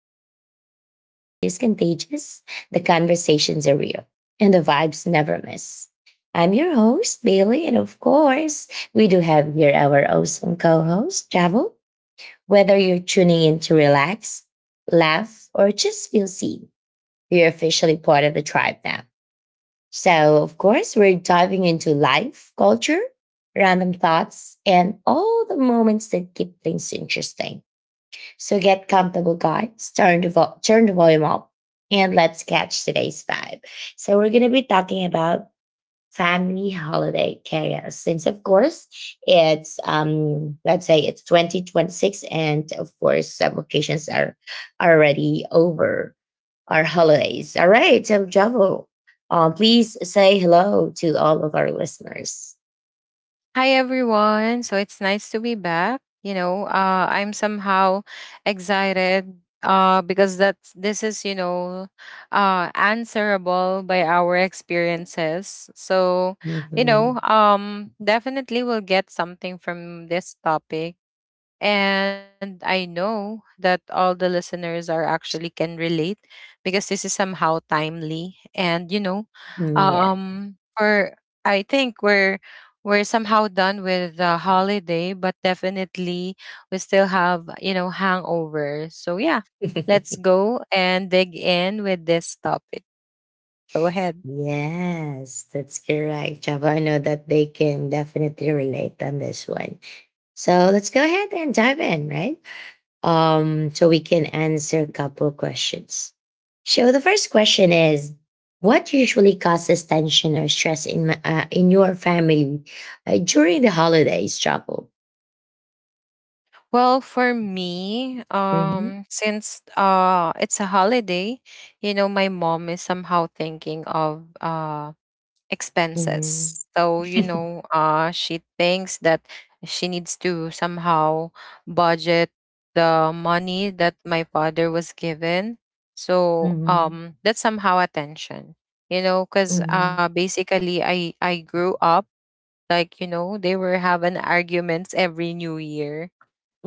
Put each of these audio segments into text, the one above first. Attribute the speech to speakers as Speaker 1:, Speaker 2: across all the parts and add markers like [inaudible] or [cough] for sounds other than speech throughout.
Speaker 1: podcast where the energy is contagious, the conversations are real, and the vibes never miss. I'm your host, Bailey, and of course, we do have here our awesome co host, Travel. Whether you're tuning in to relax, laugh, or just feel seen, you're officially part of the tribe now. So, of course, we're diving into life, culture, random thoughts, and all the moments that keep things interesting. So get comfortable, guys. Turn the volume up and let's catch today's vibe. So, we're going to be talking about family holiday chaos since of course it's let's say it's 2026 and of course some occasions are already over our holidays. All right, so Javo, please say hello to all of our listeners.
Speaker 2: Hi everyone. So it's nice to be back. I'm somehow excited because that's this is answerable by our experiences. So
Speaker 1: Mhm.
Speaker 2: definitely we'll get something from this topic, and I know that all the listeners are actually can relate because this is somehow timely, and you know,
Speaker 1: Mm,
Speaker 2: for I think we're somehow done with the holiday, but definitely we still have, you know, hangover. So yeah,
Speaker 1: yeah.
Speaker 2: let's
Speaker 1: [laughs]
Speaker 2: go and dig in with this topic. Go ahead.
Speaker 1: Yes, that's correct. Java, I know that they can definitely relate on this one. So let's go ahead and dive in, right? So we can answer a couple questions. So the first question is, what usually causes tension or stress in your family during the holidays, Java?
Speaker 2: Well, for me,
Speaker 1: Mm-hmm,
Speaker 2: since it's a holiday, you know, my mom is somehow thinking of
Speaker 1: mm-hmm,
Speaker 2: expenses. So, she thinks that she needs to somehow budget the money that my father was given. So,
Speaker 1: mm-hmm,
Speaker 2: that's somehow attention, you know, because
Speaker 1: mm-hmm,
Speaker 2: basically I grew up like, you know, they were having arguments every new year.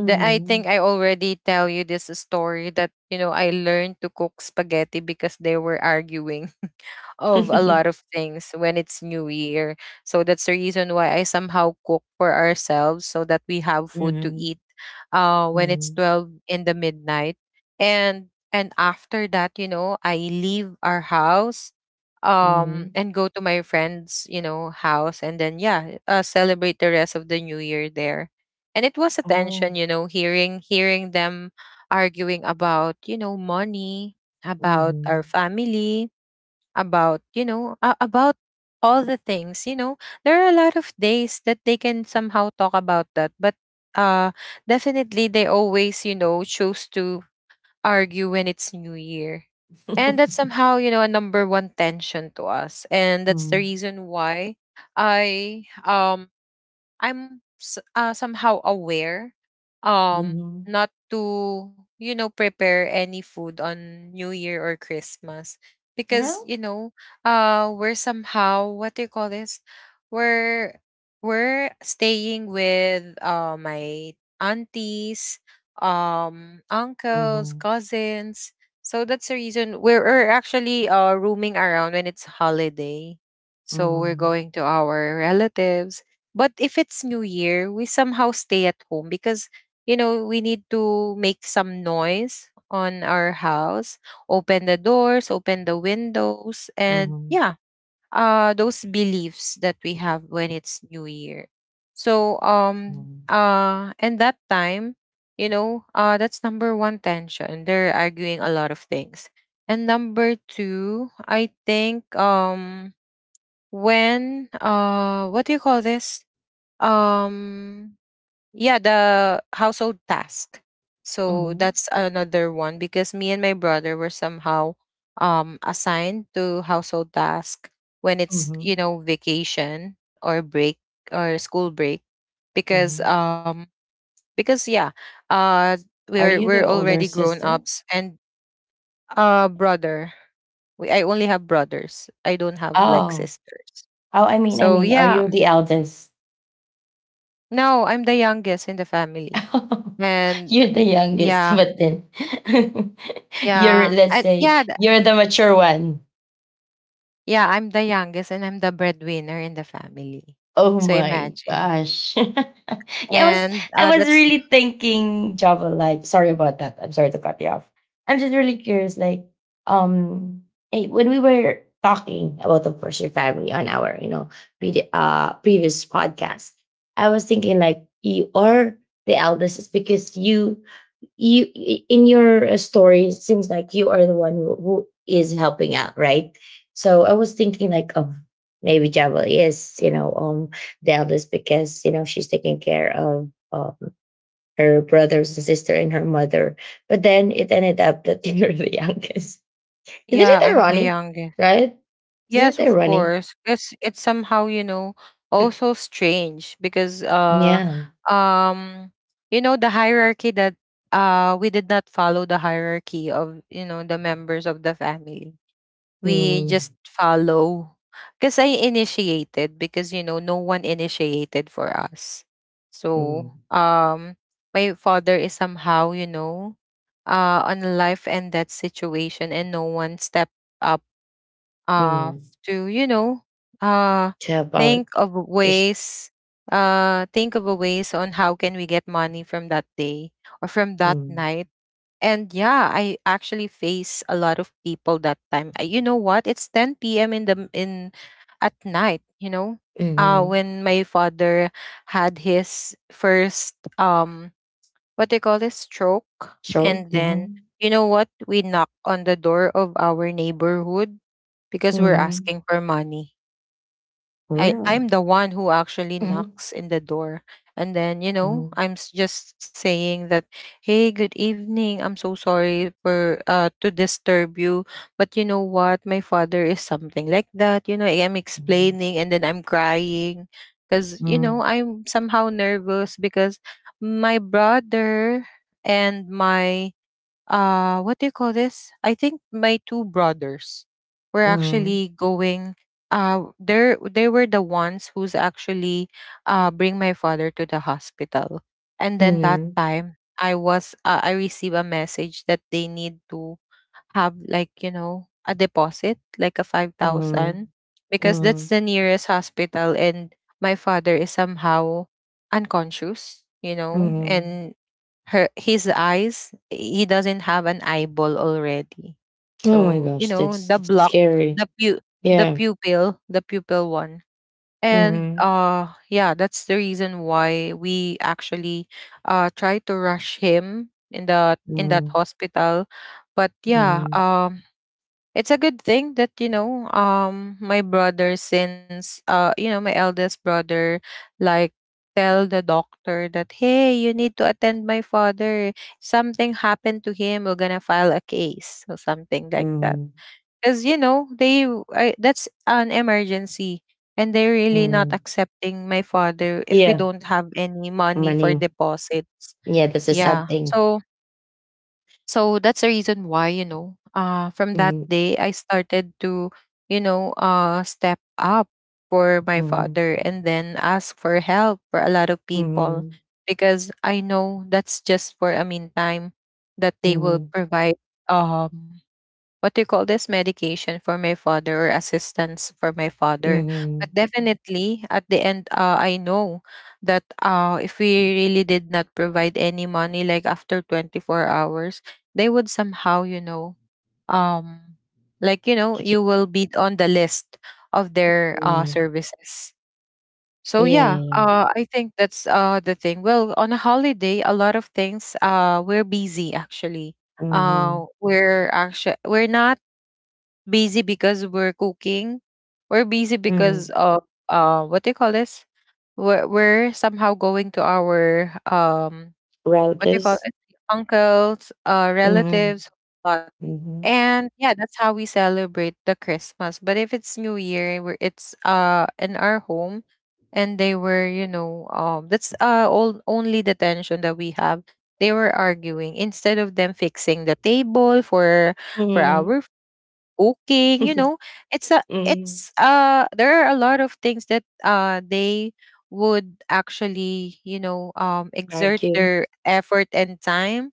Speaker 2: That I think I already tell you this story that, you know, I learned to cook spaghetti because they were arguing of a lot
Speaker 1: [laughs]
Speaker 2: of things when it's new year. So that's the reason why I somehow cook for ourselves so that we have food to
Speaker 1: mm-hmm,
Speaker 2: eat when it's
Speaker 1: mm-hmm.
Speaker 2: 12 in the midnight. And after that, you know, I leave our house
Speaker 1: Mm-hmm.
Speaker 2: and go to my friend's, you know, house and then yeah, celebrate the rest of the new year there. And it was a
Speaker 1: Oh.
Speaker 2: tension, you know, hearing them arguing about, you know, money, about
Speaker 1: Mm-hmm.
Speaker 2: our family, about about all the things, you know, there are a lot of days that they can somehow talk about that, but uh definitely they always, you know, choose to argue when it's new year. And that's somehow, you know, a number one tension to us, and that's the
Speaker 1: Mm.
Speaker 2: reason why i um I'm somehow aware, um
Speaker 1: Mhm.
Speaker 2: not to, you know, prepare any food on New Year or Christmas, because
Speaker 1: Well,
Speaker 2: you know we're somehow, what do you call this, we're we're staying with my aunties, uncles,
Speaker 1: mhm.
Speaker 2: cousins. So that's the reason we're actually roaming around when it's holiday. So we're
Speaker 1: Mhm.
Speaker 2: going to our relatives, but if it's New Year, we somehow stay at home because, you know, we need to make some noise on our house, open the doors, open the windows, and
Speaker 1: Mhm.
Speaker 2: yeah, those beliefs that we have when it's New Year. So,
Speaker 1: Mhm.
Speaker 2: and that time, you know, that's number one tension. They're arguing a lot of things. And number two, I think, what do you call this? um yeah, the household task. So
Speaker 1: Mhm.
Speaker 2: that's another one because me and my brother were somehow assigned to household task when it's, you
Speaker 1: Mhm.
Speaker 2: know, vacation or break or school break, because
Speaker 1: Mhm.
Speaker 2: yeah, uh
Speaker 1: Are
Speaker 2: we're
Speaker 1: you the
Speaker 2: we're
Speaker 1: older
Speaker 2: already grown
Speaker 1: sister?
Speaker 2: ups. And brother, I only have brothers, I don't have like
Speaker 1: Oh.
Speaker 2: sisters,
Speaker 1: Oh, I mean I
Speaker 2: so
Speaker 1: mean, are
Speaker 2: yeah.
Speaker 1: you the eldest?
Speaker 2: No, I'm the youngest in the family.
Speaker 1: [laughs]
Speaker 2: And
Speaker 1: You're the youngest,
Speaker 2: yeah,
Speaker 1: but then [laughs] you're,
Speaker 2: yeah.
Speaker 1: let's
Speaker 2: And
Speaker 1: say,
Speaker 2: yeah, th-
Speaker 1: you're the mature one.
Speaker 2: yeah, I'm the youngest and I'm the breadwinner in the family.
Speaker 1: Oh
Speaker 2: So
Speaker 1: my
Speaker 2: imagine.
Speaker 1: gosh. [laughs] yeah, I was
Speaker 2: And
Speaker 1: I was
Speaker 2: that's,
Speaker 1: really thinking Java Live. Sorry about that. I'm sorry to cut you off. I'm just really curious, like, um when we were talking about the course your family on our, you know, previous podcast, I was thinking like you are the eldest, is because in your story it seems like you are the one who is helping out, right? So I was thinking like, oh, maybe Java is, you know, Dallas because, you know, she's taking care of, her brothers and sister and her mother, but then it ended up that [laughs] you're the youngest. Isn't it
Speaker 2: yeah, I'm
Speaker 1: ironic?
Speaker 2: the youngest.
Speaker 1: Right. Isn't
Speaker 2: Yes,
Speaker 1: it
Speaker 2: of
Speaker 1: ironic?
Speaker 2: course. Because it's somehow, you know, also strange because
Speaker 1: Yeah.
Speaker 2: um you know the hierarchy that we did not follow the hierarchy of, you know, the members of the family. We just
Speaker 1: Mm,
Speaker 2: follow, because I initiated because you know no one initiated for us. So
Speaker 1: mm,
Speaker 2: um my father is somehow, you know, on life and death situation, and no one stepped up uh
Speaker 1: mm.
Speaker 2: to, you know, uh
Speaker 1: To help out,
Speaker 2: think of
Speaker 1: just
Speaker 2: ways, think of a ways on how can we get money from that day or from that
Speaker 1: mm,
Speaker 2: night. And yeah, I actually face a lot of people that time. You know what? It's 10 p.m. In at night, you know.
Speaker 1: mm,
Speaker 2: When my father had his first what they call this, stroke.
Speaker 1: sure,
Speaker 2: And then
Speaker 1: mm-hmm.
Speaker 2: you know what? We knock on the door of our neighborhood because we're
Speaker 1: Mm-hmm.
Speaker 2: asking for money. I
Speaker 1: Really?
Speaker 2: I'm the one who actually
Speaker 1: Mhm.
Speaker 2: knocks in the door. And then, you know,
Speaker 1: Mm,
Speaker 2: just saying that, "Hey, good evening. I'm so sorry for to disturb you, but you know what? My father is something like that." You know, I'm
Speaker 1: mhm,
Speaker 2: explaining and then I'm crying because, you
Speaker 1: mm,
Speaker 2: know, I'm somehow nervous because my brother and my what do you call this? I think my two brothers were
Speaker 1: mm,
Speaker 2: actually going, they were the ones who's actually bring my father to the hospital. And then that
Speaker 1: mhm,
Speaker 2: time I was I received a message that they need to have like, you know, a deposit like a 5,000
Speaker 1: mhm,
Speaker 2: because
Speaker 1: mhm,
Speaker 2: that's the nearest hospital and my father is somehow unconscious, you know.
Speaker 1: mhm.
Speaker 2: And her his eyes, he doesn't have an eyeball already,
Speaker 1: Oh my
Speaker 2: so you
Speaker 1: gosh,
Speaker 2: know the
Speaker 1: that's
Speaker 2: block,
Speaker 1: scary.
Speaker 2: the pu- the
Speaker 1: Yeah.
Speaker 2: pupil, the pupil one. And
Speaker 1: Mhm,
Speaker 2: yeah, that's the reason why we actually try to rush him in that
Speaker 1: mhm,
Speaker 2: hospital. But yeah,
Speaker 1: mhm,
Speaker 2: it's a good thing that, you know, my brother, since you know my eldest brother, like, tell the doctor that hey, you need to attend my father, something happened to him, we're gonna file a case or something like that.
Speaker 1: mhm,
Speaker 2: Because you know I, that's an emergency, and they're really not
Speaker 1: mhm.
Speaker 2: accepting my father if we
Speaker 1: Yeah,
Speaker 2: don't have any money for
Speaker 1: money.
Speaker 2: deposits.
Speaker 1: Yeah, that's a sad
Speaker 2: Yeah,
Speaker 1: thing.
Speaker 2: so so that's the reason why, you know, from that
Speaker 1: Mhm,
Speaker 2: day, I started to, you know, step up for my
Speaker 1: mhm,
Speaker 2: father and then ask for help for a lot of people,
Speaker 1: mhm,
Speaker 2: because I know that's just for a meantime that
Speaker 1: mhm,
Speaker 2: they will
Speaker 1: mhm.
Speaker 2: provide um what do you call this, medication for my father or assistance for my father.
Speaker 1: Mhm.
Speaker 2: But definitely at the end I know that if we really did not provide any money like after 24 hours, they would somehow, you know, um like you know,
Speaker 1: Yeah.
Speaker 2: you
Speaker 1: [laughs]
Speaker 2: will be on the list of their services. So yeah,
Speaker 1: yeah.
Speaker 2: I think that's the thing. Well, on a holiday a lot of things, we're busy actually.
Speaker 1: Mhm,
Speaker 2: We're not busy because we're cooking, we're busy because
Speaker 1: mhm.
Speaker 2: of what do you call this, we're somehow going to our what do you call
Speaker 1: Routers.
Speaker 2: it, uncles,
Speaker 1: Mhm,
Speaker 2: relatives, lot.
Speaker 1: mhm,
Speaker 2: And yeah, that's how we celebrate the christmas. But if it's new year, where it's in our home, and they were, you know, that's all only the tension that we have, they were arguing instead of them fixing the table for
Speaker 1: mhm,
Speaker 2: our cooking, you know.
Speaker 1: mhm.
Speaker 2: It's there are a lot of things that they would actually, you know, exert
Speaker 1: Argue.
Speaker 2: their effort and time.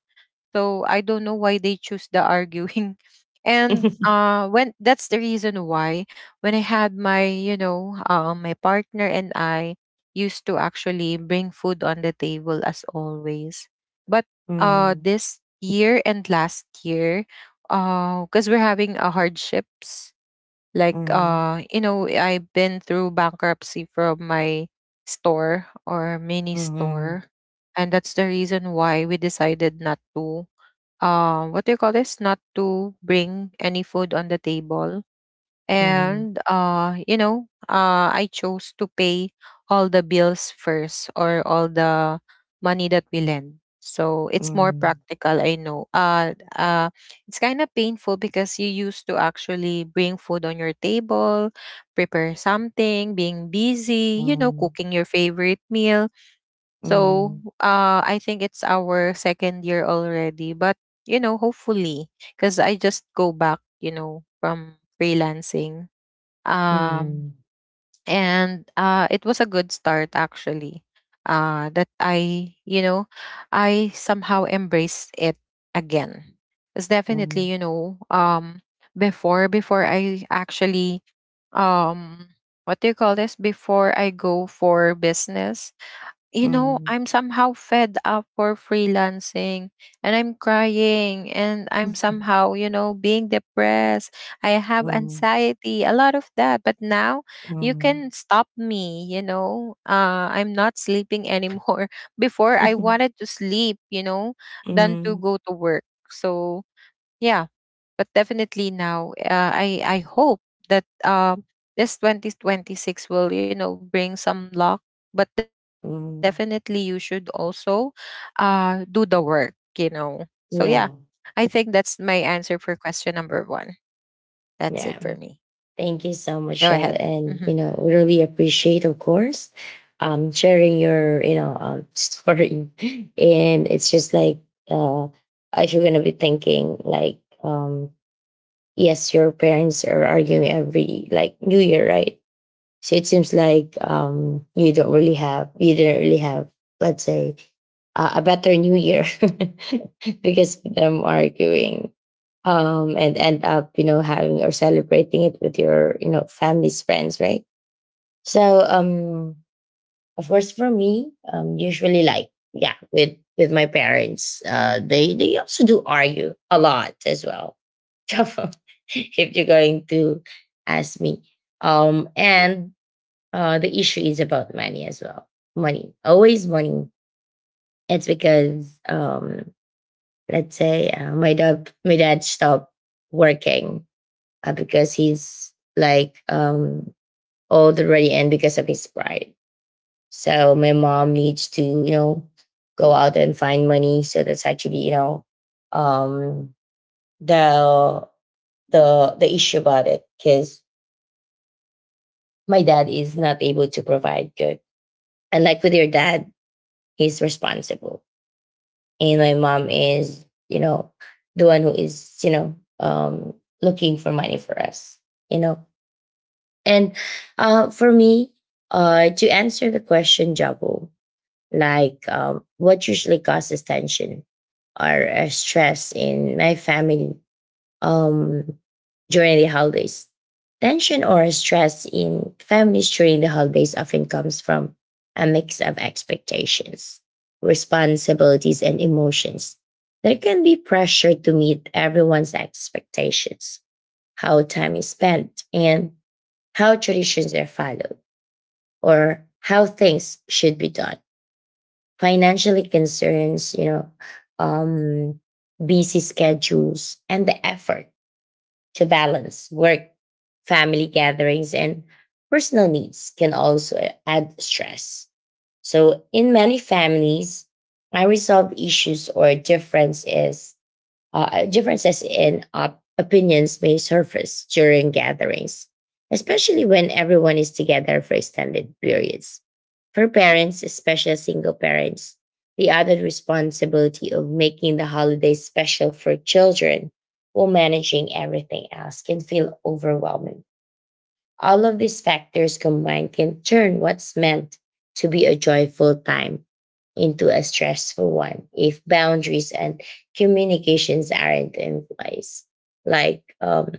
Speaker 2: So I don't know why they choose the arguing. [laughs] And
Speaker 1: [laughs]
Speaker 2: when that's the reason why when I had my, you know, my partner and I used to actually bring food on the table as always. But
Speaker 1: Mhm,
Speaker 2: this year and last year, because we're having hardships, like
Speaker 1: mhm,
Speaker 2: you know, I've been through bankruptcy from my store or mini
Speaker 1: mhm,
Speaker 2: store, and that's the reason why we decided not to, what do you call this? Not to bring any food on the table.
Speaker 1: mhm,
Speaker 2: And, you know, I chose to pay all the bills first, or all the money that we lend. So it's more
Speaker 1: mhm,
Speaker 2: practical, I know. It's kind of painful because you used to actually bring food on your table, prepare something, being busy, you know,
Speaker 1: mhm,
Speaker 2: cooking your favorite meal. So
Speaker 1: mhm,
Speaker 2: I think it's our second year already. But, you know, hopefully, because I just go back, you know, from freelancing. Um,
Speaker 1: mhm,
Speaker 2: and it was a good start, actually, that I, you know, I somehow embraced it again. It's definitely,
Speaker 1: mhm,
Speaker 2: you know, before I actually, um, what do you call this? Before I go for business, you
Speaker 1: mhm,
Speaker 2: know,
Speaker 1: mhm,
Speaker 2: I'm somehow fed up for freelancing, and I'm crying and I'm somehow, you know, being depressed. I have
Speaker 1: mhm,
Speaker 2: anxiety, a lot of that. But now you
Speaker 1: mhm,
Speaker 2: can stop me, you know. I'm not sleeping anymore. [laughs] Before I
Speaker 1: mhm. [laughs]
Speaker 2: wanted to sleep, you know, than to go to
Speaker 1: [laughs]
Speaker 2: work. So yeah, but definitely now I hope that this 2026 will, you know, bring some luck. But definitely you should also do the work, you know. So yeah, I
Speaker 1: Yeah,
Speaker 2: think that's my answer for question number one. That's it for me.
Speaker 1: yeah. Thank you
Speaker 2: Go
Speaker 1: so much,
Speaker 2: ahead.
Speaker 1: Joe.
Speaker 2: Hmm.
Speaker 1: And, you know, we really appreciate, of course, sharing your, you know, [laughs] story. And it's just like, uh, if you're going to be thinking, like, yes, your parents are arguing every, like, New Year, right? So it seems like you don't really have, you didn't really have, let's say, a better New Year [laughs] because of them arguing, and end up, you know, having or celebrating it with your, you know, family's friends, right? So, of course, for me, usually like, yeah, with they also do argue a lot as well. [laughs] If you're going to ask me, and the issue is about money as well. Money, always money. It's because, let's say, my dad stopped working because he's like, old already, and because of his pride. So my mom needs to, you know, go out and find money. So that's actually, you know, um, the issue about it because my dad is not able to provide good, and like with your dad, he's responsible and my mom is, you know, the one who is, you know, looking for money for us, you know. And for me, to answer the question, Jabo, like, what usually causes tension or stress in my family um, during the holidays. Tension or stress in families during the holidays often comes from a mix of expectations, responsibilities, and emotions. There can be pressure to meet everyone's expectations, how time is spent, and how traditions are followed, or how things should be done. Financially concerns, you know, um, busy schedules, and the effort to balance work, family gatherings, and personal needs can also add stress. So, in many families, I resolve issues or difference is, differences in opinions may surface during gatherings, especially when everyone is together for extended periods. For parents, especially single parents, the added responsibility of making the holidays special for children while managing everything else can feel overwhelming. All of these factors combined can turn what's meant to be a joyful time into a stressful one if boundaries and communications aren't in place. Like,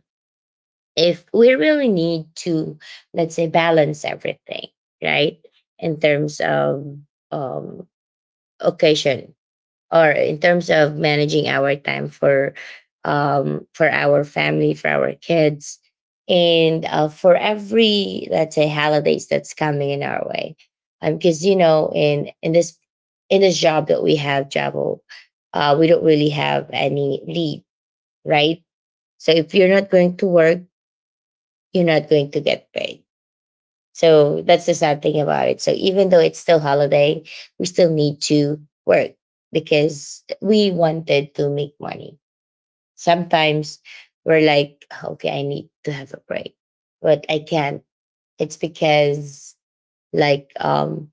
Speaker 1: if we really need to, let's say, balance everything, right? In terms of, um, occasion, or in terms of managing our time for, for our family, for our kids, and for every, let's say, holidays that's coming in our way. Because, you know, in this job that we have, Travel, we don't really have any leave, right? So if you're not going to work, you're not going to get paid. So that's the sad thing about it. So even though it's still holiday, we still need to work because we wanted to make money. Sometimes we're like, okay, I need to have a break, but I can't. It's because, like,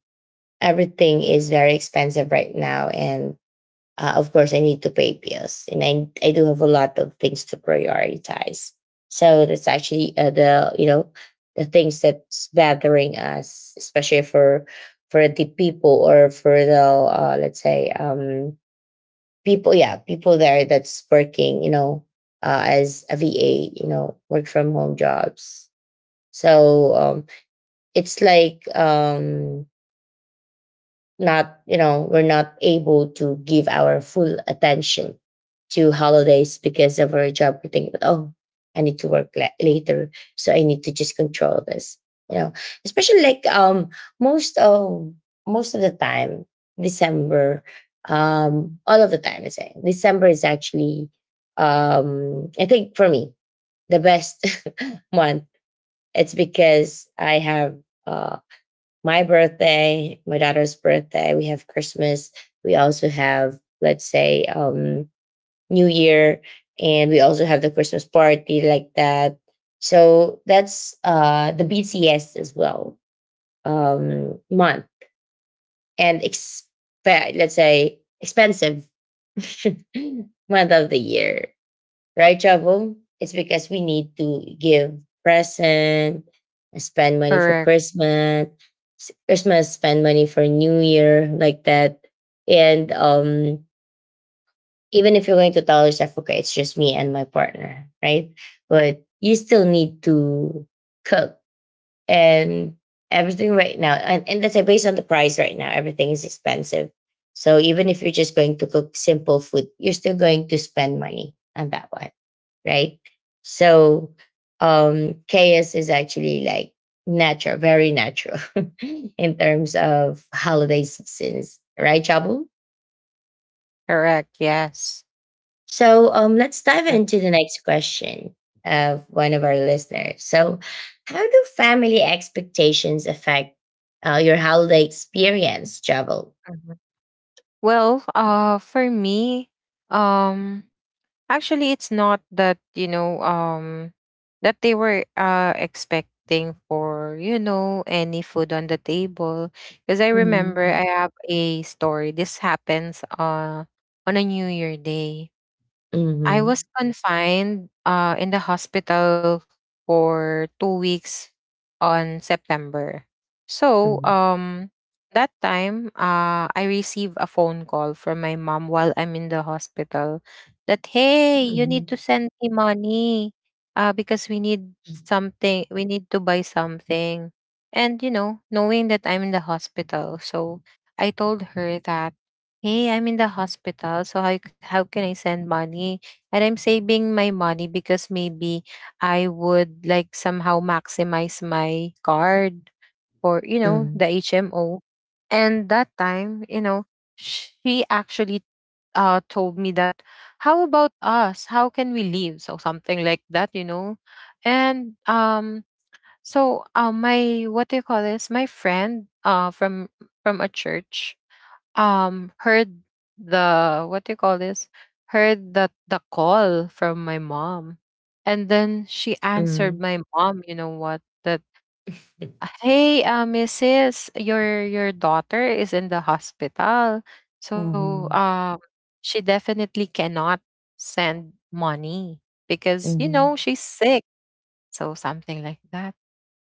Speaker 1: everything is very expensive right now, and of course I need to pay bills and I do have a lot of things to prioritize. So that's actually, the, you know, the things that's bothering us, especially for the people or for the, let's say, people, yeah, people there that's working, you know, as a VA, you know, work from home jobs. So, it's like, not, you know, we're not able to give our full attention to holidays because of our job. We think, oh, I need to later, so I need to just control this, you know, especially like, most of most of the time, December, all of the time, I say December is actually, I think for me the best [laughs] month. It's because I have, um my birthday, my daughter's birthday, we have Christmas, we also have, let's say, New Year, and we also have the Christmas party, like that. So that's, the BTS as well, month, and let's say expensive [laughs] month of the year, right, trouble it's because we need to give present, spend money for
Speaker 2: Correct.
Speaker 1: Christmas, Christmas, spend money for New Year, like that. And, even if you're going to tell yourself, okay, it's just me and my partner, right? But you still need to cook and everything right now, and let's say, based on the price right now, everything is expensive. So even if you're just going to cook simple food, you're still going to spend money on that one, right? So, chaos is actually like natural, very natural [laughs] in terms of holiday seasons, right, Chabu?
Speaker 2: Correct. Yes.
Speaker 1: So, let's dive
Speaker 2: Yeah.
Speaker 1: into the next question of one of our listeners. So, how do family expectations affect, your holiday experience, Travel?
Speaker 2: Mhm. Well, for me, um, actually, it's not that, you know, that they were expecting for, you know, any food on the table. Because I remember
Speaker 1: Mm-hmm.
Speaker 2: I have a story. This happens on a New Year day. I
Speaker 1: Mm-hmm.
Speaker 2: was confined in the hospital for 2 weeks on September. So, um, that time, I received a phone call from my mom while I'm in the hospital that, hey, you
Speaker 1: Mm-hmm.
Speaker 2: need to send me money because we need something, we need to buy something. And, you know, knowing that I'm in the hospital. So, I told her that, hey, I'm in the hospital. So, how can I send money? And I'm saving my money because maybe I would like somehow maximize my card, or you know,
Speaker 1: Mm-hmm.
Speaker 2: the HMO. And that time, you know, she actually told me that how about us? How can we leave? So something like that, you know. And so my what do you call this? My friend from a church heard the, what do you call this, heard the call from my mom, and then she answered
Speaker 1: Mm-hmm.
Speaker 2: my mom, you know what, that hey, mrs, your daughter is in the hospital, so
Speaker 1: Mm-hmm.
Speaker 2: she definitely cannot send money because you know
Speaker 1: Mm-hmm.
Speaker 2: she's sick. So something like that.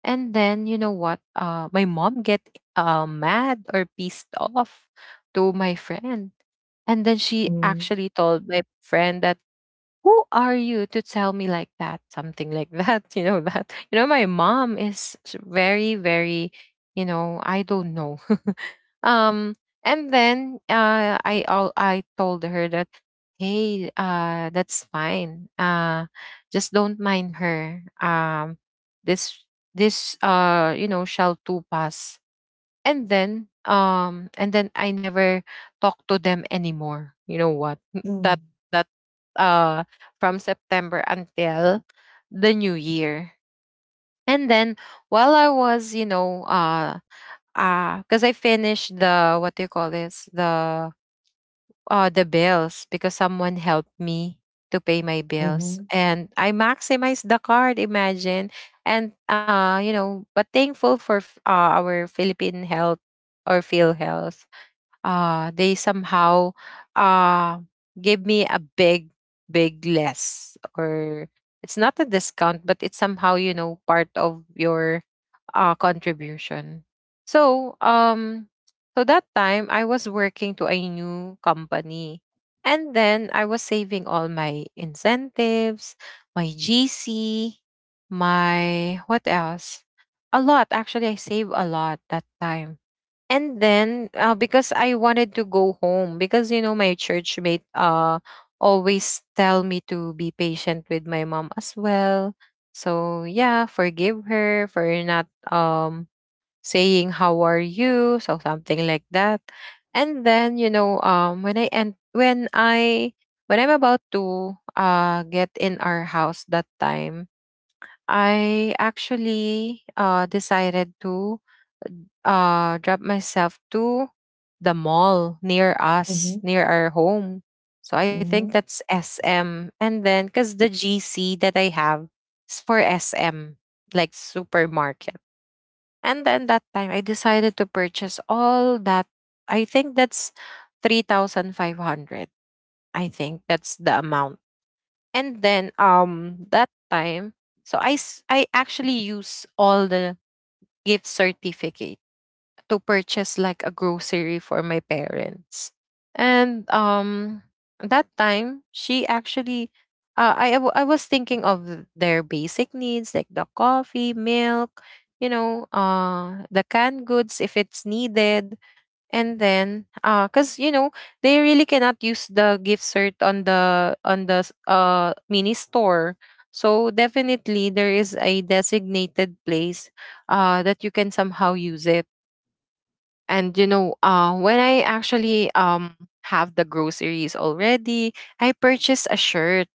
Speaker 2: And then you know what, my mom get mad or pissed off to my friend, and then she actually told my friend that, "Who are you to tell me like that?" Something like that, [laughs] you know that. You know, my mom is very, very, you know, I don't know. [laughs] um, and then I told her that, hey, that's fine. Just don't mind her. This this, you know, shall too pass. And then I never talk to them anymore, you know what, that that uh from September until the new year. And then while I was, you know, because I finished the, what do you call this, the bills, because someone helped me to pay my
Speaker 1: Mm-hmm.
Speaker 2: bills
Speaker 1: Mm-hmm.
Speaker 2: and I maximized the card, imagine. And you know, but thankful for our Philippine Health, or Phil health they somehow uh give me a big, big less, or it's not a discount, but it's somehow, you know, part of your contribution. so um so that time I was working to a new company, and then I was saving all my incentives, my GC, my what else. A lot, actually. I saved a lot that time. And then because I wanted to go home, because you know my church mate always tell me to be patient with my mom as well, so yeah, forgive her for not saying how are you, so something like that. And then, you know, when I and when I when I'm about to get in our house that time, I actually decided to drop myself to the mall near us,
Speaker 1: Mm-hmm.
Speaker 2: near our home. So I think
Speaker 1: Mm-hmm.
Speaker 2: that's SM. And then because the GC that I have is for SM, like supermarket. And then that time I decided to purchase all that. I think that's 3,500. I think that's the amount. And then that time, I actually use all the gift certificates to purchase like a grocery for my parents. And that time she actually I was thinking of their basic needs, like the coffee, milk, you know, the canned goods, if it's needed. And then cuz you know, they really cannot use the gift cert on the mini store. So definitely there is a designated place that you can somehow use it. And you know, when I actually have the groceries already, I purchase a shirt,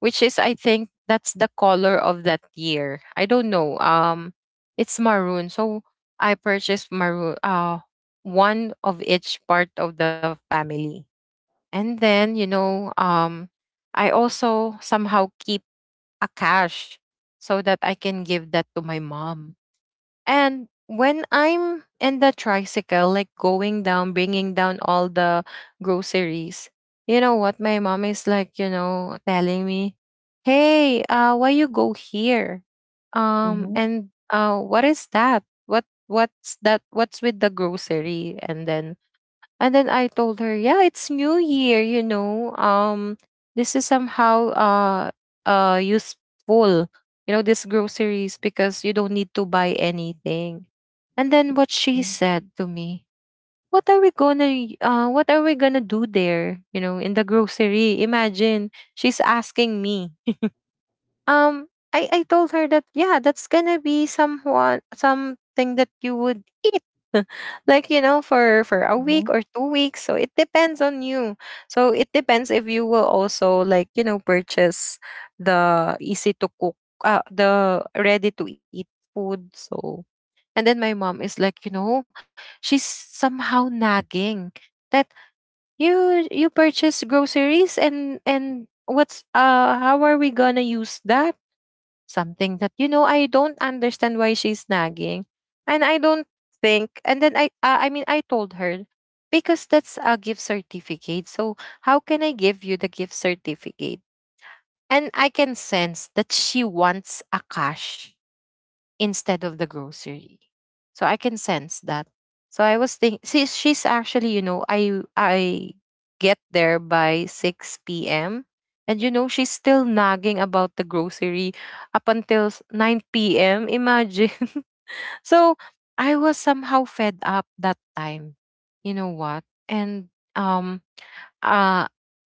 Speaker 2: which is, I think that's the color of that year. I don't know. It's maroon, so I purchased maroon. One of each part of the family. And then, you know, I also somehow keep a cash so that I can give that to my mom. And when I'm in the tricycle, like going down, bringing down all the groceries, you know what? My mom is like, you know, telling me, "Hey, why you go here?
Speaker 1: Mm-hmm.
Speaker 2: And what is that? What's that? What's with the grocery?" And then I told her, "Yeah, it's New Year, you know. This is somehow useful, you know, these groceries because you don't need to buy anything." And then what she said to me, " What are we gonna do there? You know, in the grocery? Imagine she's asking me." I told her that yeah, that's gonna be someone something that you would eat, [laughs] like you know, for a week or two weeks. So it depends on you. So it depends if you will also, like, you know, purchase the easy to cook, the ready to eat food. So, and then my mom is like, you know, she's somehow nagging that you purchase groceries, and what's how are we gonna use that, something that, you know, I don't understand why she's nagging, and I don't think. And then I mean, I told her because that's a gift certificate. So how can I give you the gift certificate? And I can sense that she wants a cash instead of the grocery. So I can sense that. So I was thinking, she's actually, you know, I get there by 6 p.m. And you know, she's still nagging about the grocery up until 9 p.m. Imagine. [laughs] So I was somehow fed up that time. You know what? And um uh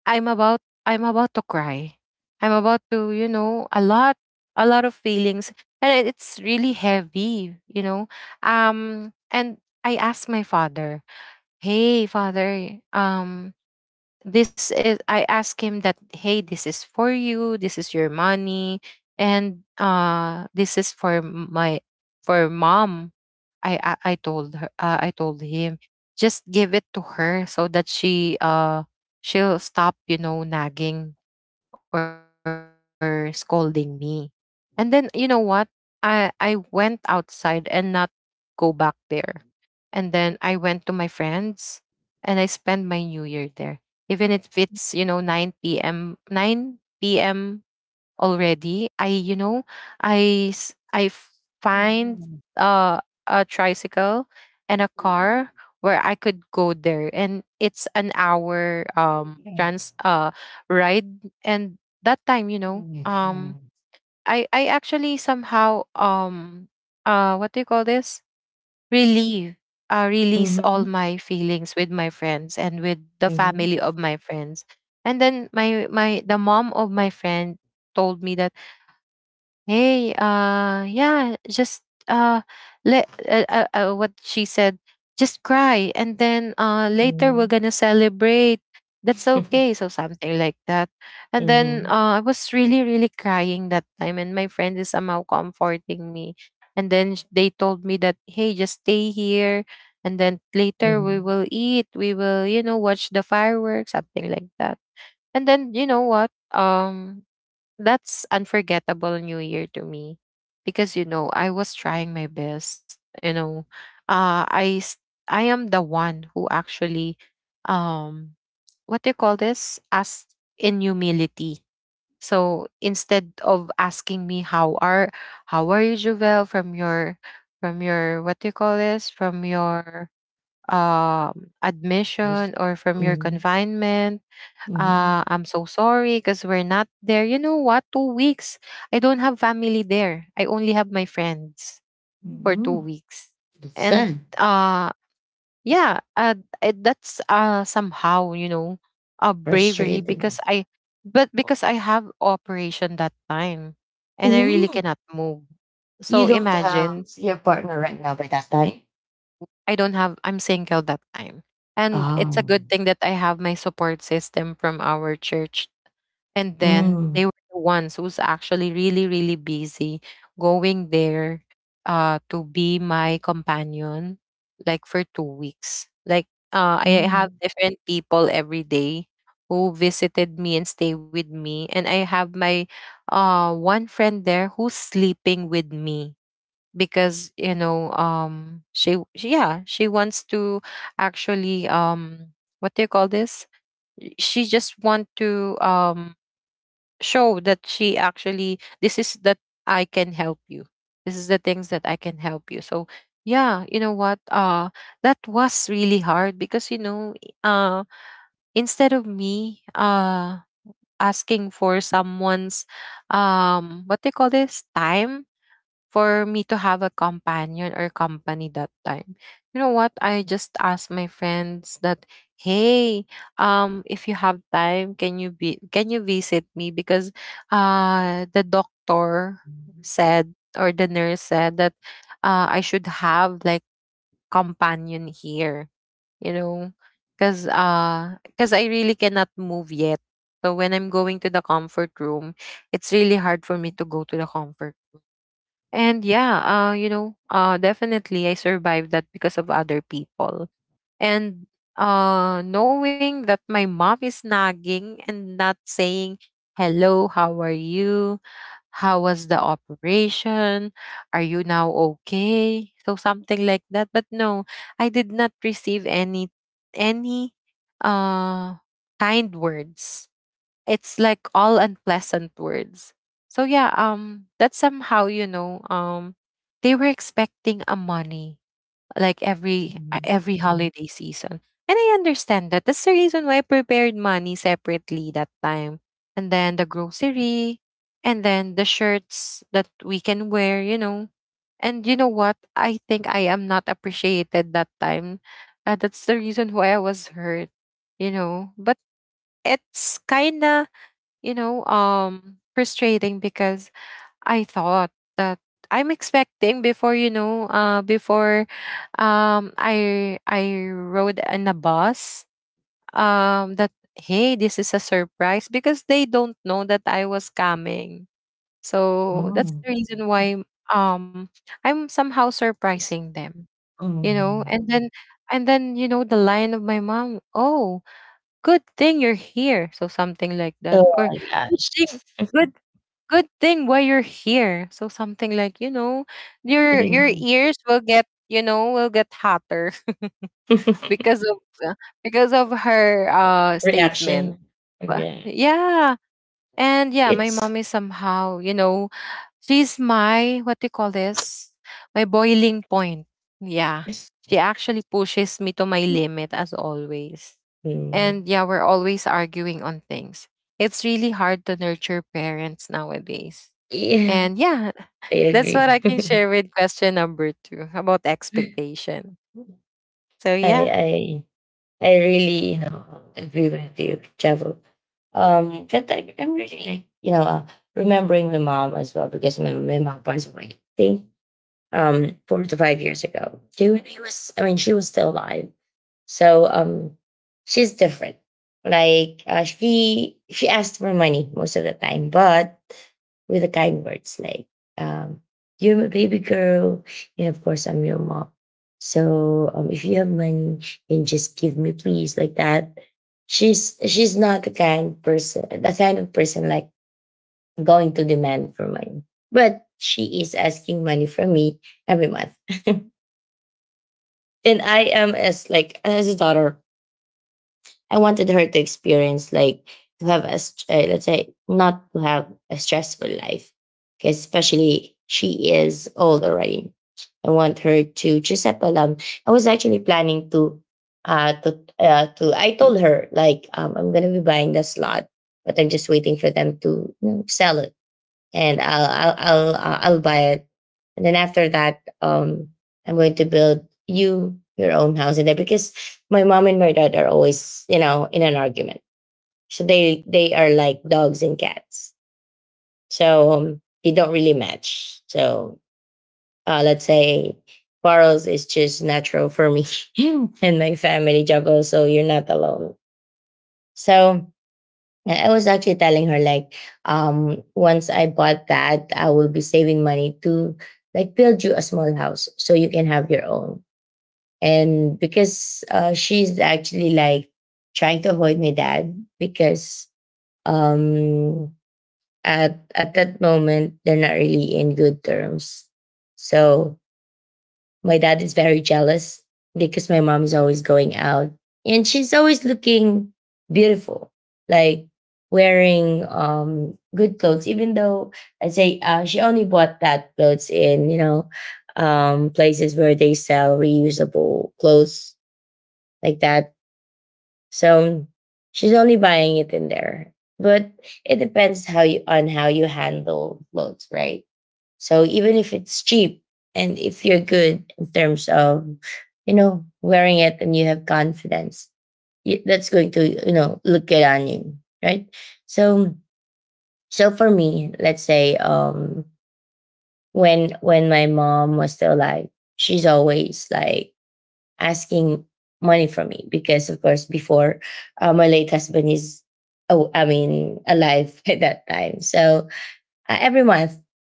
Speaker 2: I'm about, I'm about to cry. I'm about to, you know, a lot, a lot of feelings, and it's really heavy, you know. And I asked my father, "Hey, father, this is, I asked him that, hey, this is for you, this is your money. And this is for m- my for mom." I told her I told him just give it to her so that she she'll stop, you know, nagging or scolding me. And then you know what, I went outside and not go back there. And then I went to my friends, and I spent my new year there, even if it's, you know, 9 p.m already. I, you know, I s- I f- find uh, a tricycle and a
Speaker 1: Mm-hmm.
Speaker 2: car where I could go there, and it's an hour trans ride. And that time, you know, um
Speaker 1: Mm-hmm.
Speaker 2: i i actually somehow what do you call this, relieve, release all
Speaker 1: Mm-hmm.
Speaker 2: my feelings with my friends and with the family
Speaker 1: [laughs]
Speaker 2: of my friends. And then my the mom of my friend told me that, "Hey, yeah, just uh, let what she said, just cry, and then later we're gonna celebrate. That's okay." So something like that. And then I was really, really crying that time, and my friend is somehow comforting me. And then they told me that, hey, just stay here, and then later we
Speaker 1: Mhm,
Speaker 2: will eat, we will, you know, watch the fireworks, something like that. And then you know what, that's unforgettable new year to me, because you know I was trying my best, you know. uh i s- I am the one who actually um what do you call this, as in humility. So instead of asking me how are, how are you, Jovel, from your, from your what do you call this from your admission
Speaker 1: was
Speaker 2: or from your
Speaker 1: mhm,
Speaker 2: confinement.
Speaker 1: mhm,
Speaker 2: "I'm so sorry because we're not there." You know what? Two weeks. I don't have family there. I only have my friends for two
Speaker 1: mhm.
Speaker 2: weeks.
Speaker 1: That's
Speaker 2: And
Speaker 1: sad.
Speaker 2: uh, yeah, it, that's somehow, you know, a bravery,
Speaker 1: Frustrating,
Speaker 2: because
Speaker 1: of
Speaker 2: I, but
Speaker 1: course.
Speaker 2: because I have operation that time, and I really
Speaker 1: Mm,
Speaker 2: cannot move.
Speaker 1: you
Speaker 2: So
Speaker 1: don't have
Speaker 2: imagine.
Speaker 1: your partner right now by that time?
Speaker 2: I don't have, I'm single that time. And it's a
Speaker 1: Oh.
Speaker 2: good thing that I have my support system from our church. And then
Speaker 1: Mm,
Speaker 2: they were the ones who's actually really, really busy going there to be my companion, like for two weeks. Like I have
Speaker 1: mm,
Speaker 2: different people every day who visited me and stay with me. And I have my one friend there who's sleeping with me, because you know, she, yeah, she wants to actually what do you call this, she just want to show that she actually, this is that, I can help you. This is the things that I can help you. So yeah, you know what? That was really hard, because you know, uh instead of me asking for someone's what they call this time for me to have a companion or company that time. You know what? I just asked my friends that, hey, if you have time, can you be, can you visit me? Because the doctor said or the nurse said that I should have like companion here, you know. Cause cause I really cannot move yet. So when I'm going to the comfort room, it's really hard for me to go to the comfort. And yeah, definitely I survived that because of other people. And knowing that my mom is nagging and not saying, hello, how are you? How was the operation? Are you now okay? So something like that. But no, I did not receive any uh, kind words, it's like all unpleasant words. So yeah, that's somehow, you know, they were expecting a money like
Speaker 1: mm,
Speaker 2: every holiday season. And I understand that. That's the reason why I prepared money separately that time. And then the grocery and then the shirts that we can wear, you know. And you know what? I think I am not appreciated that time. That's the reason why I was hurt, you know. But it's kinda, you know, frustrating because I thought that I'm expecting before, you know, before I rode in a bus, that hey, this is a surprise because they don't know that I was coming. So that's
Speaker 1: mm.
Speaker 2: the reason why um, I'm somehow surprising them, you know.
Speaker 1: Mm.
Speaker 2: And then you know the line of my mom, oh, good thing you're here, so something like that,
Speaker 1: Oh
Speaker 2: or
Speaker 1: my
Speaker 2: good
Speaker 1: gosh.
Speaker 2: thing good good thing why you're here. So something like, you know, your
Speaker 1: Mm.
Speaker 2: ears will get, you know, will get hotter [laughs] because
Speaker 1: [laughs]
Speaker 2: of uh, because of her statement.
Speaker 1: Reaction. Yeah.
Speaker 2: Yeah. And yeah, my
Speaker 1: It's,
Speaker 2: mom is somehow, you know, she's my what do you call this? My boiling point. Yeah.
Speaker 1: it's
Speaker 2: She actually pushes me to my limit as always.
Speaker 1: mm.
Speaker 2: And yeah, we're always arguing on things. It's really hard to nurture parents nowadays.
Speaker 1: Yeah,
Speaker 2: And yeah,
Speaker 1: I
Speaker 2: that's what I can
Speaker 1: agree.
Speaker 2: share with question number two about
Speaker 1: [laughs]
Speaker 2: expectation. So
Speaker 1: I
Speaker 2: yeah.
Speaker 1: I I really, you know, agree with you, Travel. But I'm really like, you know, remembering my mom as well because my mom passed away, I think, 4 to 5 years ago. She, when I was, I mean, she was still alive. So, she's different. Like, she asked for money most of the time, but with the kind words like, um, "You're my baby girl, and of course I'm your mom. So, if you have money, and just give me, please." Like that. She's not the kind person, the kind of person like going to demand for money, but she is asking money from me every month, [laughs] and I am, as like as a daughter, I wanted her to experience like to have a let's say, not to have a stressful life, 'cause especially she is old already. I want her to just settle down. I was actually planning to I told her like I'm gonna be buying the slot, but I'm just waiting for them to, you know, sell it and I'll buy it. And then after that, I'm going to build you your own house in there because my mom and my dad are always, you know, in an argument. So they are like dogs and cats. So they don't really match. So let's say quarrels is just natural for me [laughs] and my family juggle. So you're not alone. So And I was actually telling her like, once I bought that, I will be saving money to like build you a small house so you can have your own. And because she's actually like trying to avoid my dad because um, at that moment they're not really in good terms. So my dad is very jealous because my mom is always going out and she's always looking beautiful, like wearing good clothes, even though I say she only bought that clothes in, you know, places where they sell reusable clothes like that. So she's only buying it in there. But it depends how you on how you handle clothes, right? So even if it's cheap and if you're good in terms of, you know, wearing it and you have confidence, that's going to, you know, look good on you, right? So, so for me, let's say, when my mom was still alive, she's always like asking money from me because, of course, before my late husband is, oh, I mean, alive [laughs] at that time. So every month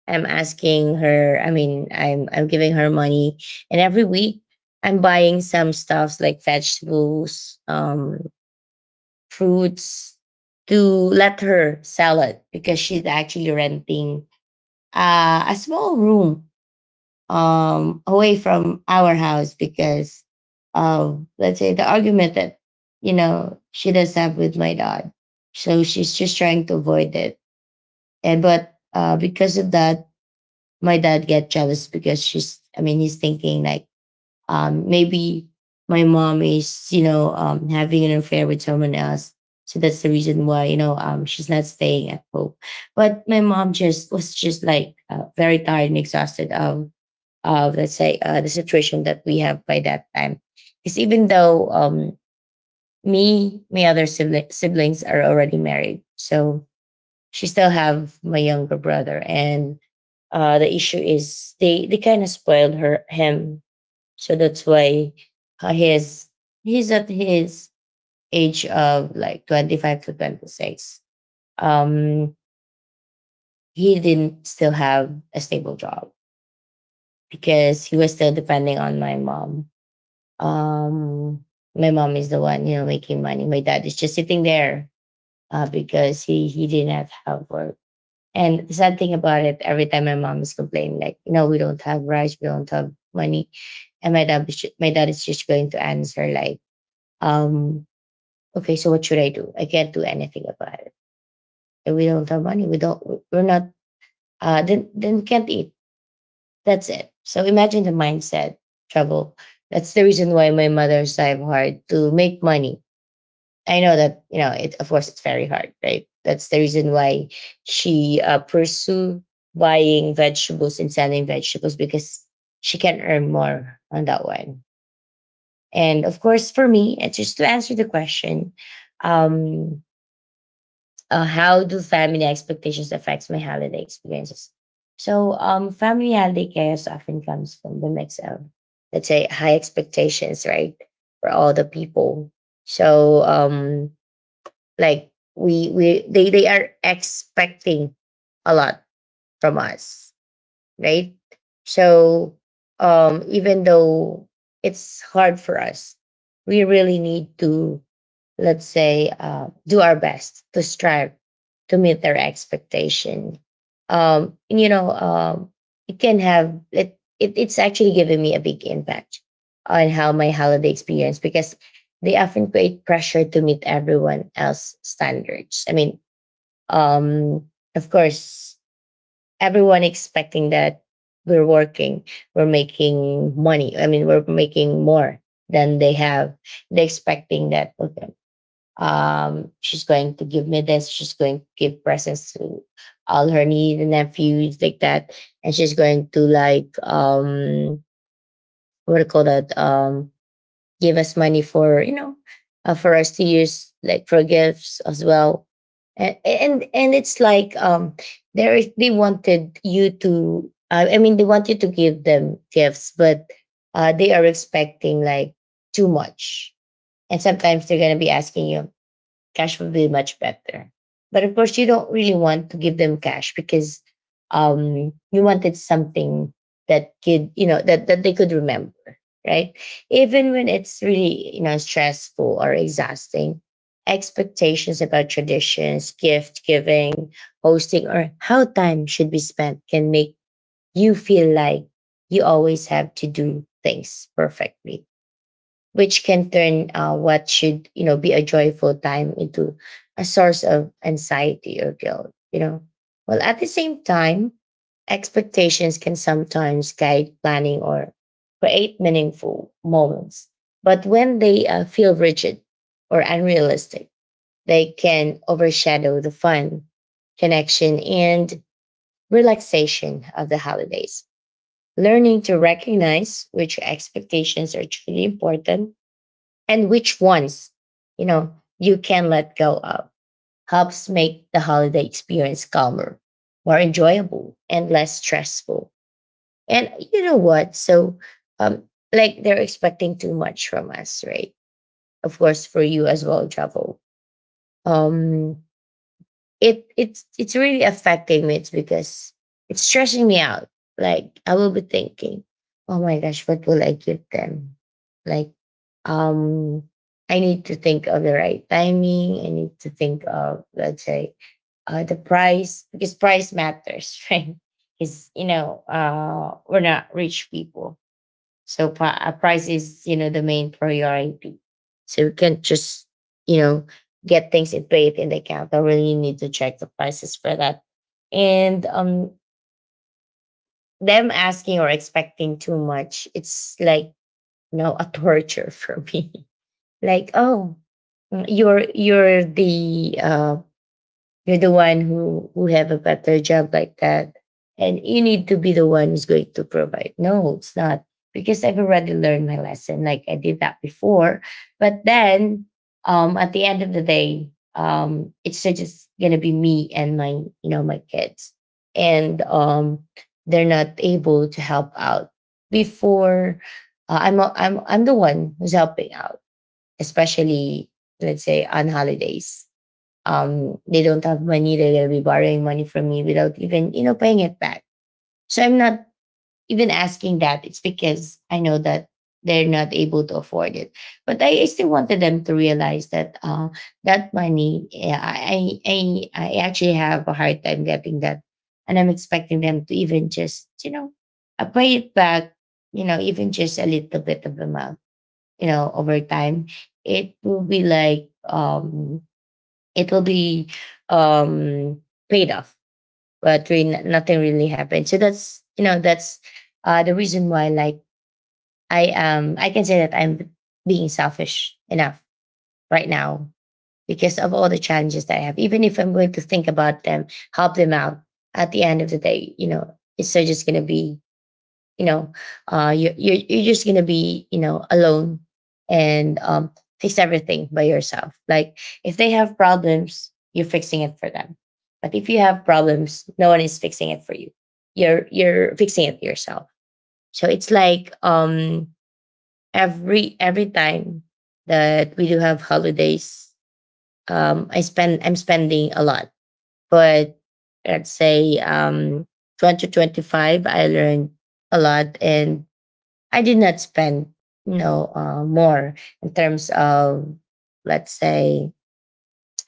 Speaker 1: I'm asking her, I mean, I'm giving her money, and every week I'm buying some stuffs like vegetables, fruits, to let her sell it because she's actually renting a small room away from our house because let's say the argument that, you know, she does have with my dad, so she's just trying to avoid it. And but because of that, my dad get jealous because she's, I mean, he's thinking like, maybe my mom is, you know, having an affair with someone else. So that's the reason why, you know, she's not staying at home. But my mom just was just like, very tired and exhausted of, let's say, the situation that we have by that time is, even though, me, my other siblings are already married. So she still have my younger brother, and the issue is they kind of spoiled her him, so that's why his he's at his age of like 25 to 26. Um, he didn't still have a stable job because he was still depending on my mom. Um, my mom is the one, you know, making money. My dad is just sitting there because he didn't have work. And the sad thing about it, every time my mom is complaining, like, no, we don't have rice, we don't have money. And my dad is just going to answer like, um, okay, so what should I do? I can't do anything about it. And we don't have money. We don't, we're not, Then we can't eat. That's it. So imagine the mindset trouble. That's the reason why my mother strive hard to make money. I know that, you know it. Of course, it's very hard, right? That's the reason why she pursue buying vegetables and selling vegetables because she can earn more on that one. And of course, for me, just to answer the question, um, how do family expectations affects my holiday experiences? So, family holiday chaos often comes from the mix of, let's say, high expectations, right, for all the people. So, like we they are expecting a lot from us, right? So even though it's hard for us, we really need to, let's say, do our best to strive to meet their expectation. And, you know, it can have it, it. It's actually giving me a big impact on how my holiday experience because they often create pressure to meet everyone else's standards. I mean, um, of course, everyone expecting that we're working, we're making money. I mean, we're making more than they have. They're expecting that, okay, she's going to give me this. She's going to give presents to all her nieces and nephews like that, and she's going to like, what do you call that? Give us money for, you know, for us to use like for gifts as well. And it's like, there is they wanted you to. I mean, they want you to give them gifts, but they are expecting like too much. And sometimes they're going to be asking you, cash would be much better. But of course, you don't really want to give them cash because, you wanted something that could, you know, that they could remember, right? Even when it's really, you know, stressful or exhausting, expectations about traditions, gift giving, hosting, or how time should be spent can make you feel like you always have to do things perfectly, which can turn, what should, you know, be a joyful time into a source of anxiety or guilt, you know. Well, at the same time, expectations can sometimes guide planning or create meaningful moments, but when they feel rigid or unrealistic, they can overshadow the fun, connection, and relaxation of the holidays. Learning to recognize which expectations are truly important, and which ones, you know, you can let go of, helps make the holiday experience calmer, more enjoyable, and less stressful. And you know what? So, um, like they're expecting too much from us, right? Of course, for you as well, travel. Um, it's really affecting me. It's because it's stressing me out. Like I will be thinking, oh my gosh, what will I give them? Like, um, I need to think of the right timing. I need to think of, let's say, the price because price matters, [laughs] right? Because you know we're not rich people, so price is, you know, the main priority. So you can't just, you know, get things and pay it in the account. I really need to check the prices for that. And them asking or expecting too much, it's like, you know, a torture [laughs] for me. Like, oh, mm, you're you're the one who have a better job like that, and you need to be the one who's going to provide. No, it's not, because I've already learned my lesson. Like I did that before. But then, at the end of the day, it's just gonna be me and my, you know, my kids. And they're not able to help out. Before I'm the one who's helping out, especially, let's say, on holidays. They don't have money, they're going to be borrowing money from me without even, you know, paying it back. So I'm not even asking that. It's because I know that they're not able to afford it. But I still wanted them to realize that that money, yeah, I actually have a hard time getting that. And I'm expecting them to even just, you know, pay it back, you know, even just a little bit of amount, you know, over time. It will be like, it will be um paid off, but really nothing really happened. So that's, you know, that's the reason why, like, I I can say that I'm being selfish enough right now, because of all the challenges that I have. Even if I'm going to think about them, help them out, at the end of the day, you know, it's still just going to be, you know, you're just gonna be, you know, alone. And fix everything by yourself. Like if they have problems, you're fixing it for them. But if you have problems, no one is fixing it for you. You're fixing it yourself. So it's like, every time that we do have holidays, I'm spending a lot. But let's say, 2025, I learned a lot, and I did not spend, you know, more in terms of, let's say,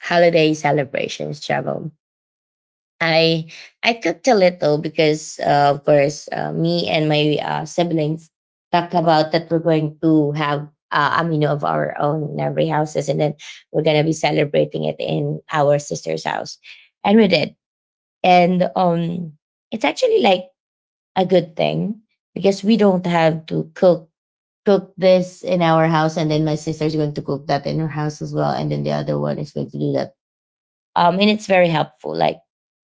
Speaker 1: holiday celebrations, travel. I I cooked a little because, of course, me and my siblings talked about that we're going to have amino of our own in every houses, and then we're gonna be celebrating it in our sister's house, and we did. And It's actually like a good thing because we don't have to cook this in our house, and then my sister's going to cook that in her house as well, and then the other one is going to do that. And it's very helpful. Like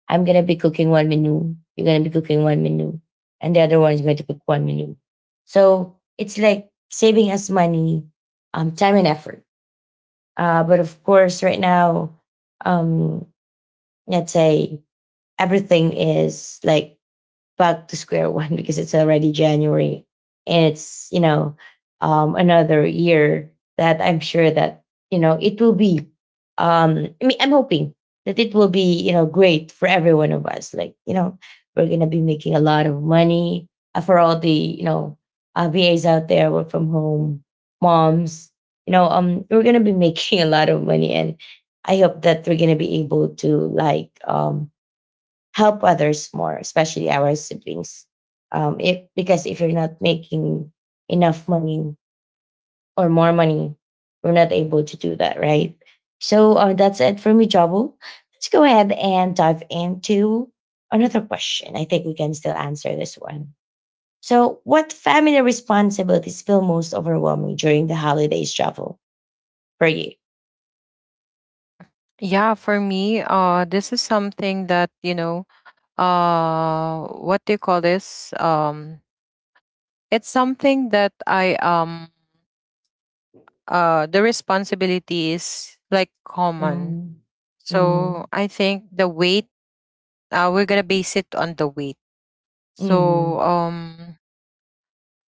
Speaker 1: I'm gonna be cooking one menu, you're gonna be cooking one menu, and the other one is going to cook one menu. So it's like saving us money, time and effort. But of course, right now, um, let's say everything is like back to square one [laughs] because it's already January. And another year that I'm sure that, it will be, I mean, I'm hoping that it will be, great for every one of us. Like, you know, we're going to be making a lot of money for all the, VAs out there, work from home, moms, you know, we're going to be [laughs] making a lot of money. And I hope that we're going to be able to like, um, help others more, especially our siblings. If because if you're not making enough money or more money, we're not able to do that, right? So that's it for me, Jabu. Let's go ahead and dive into another question. I think we can still answer this one. So, what family responsibilities feel most overwhelming during the holidays travel for you?
Speaker 2: Yeah, for me, this is something that, you know, what do you call this? It's something that I the responsibility is like common,
Speaker 1: Mhm.
Speaker 2: so
Speaker 1: Mhm.
Speaker 2: I think the weight, we're gonna base it on the weight. So
Speaker 1: Mhm.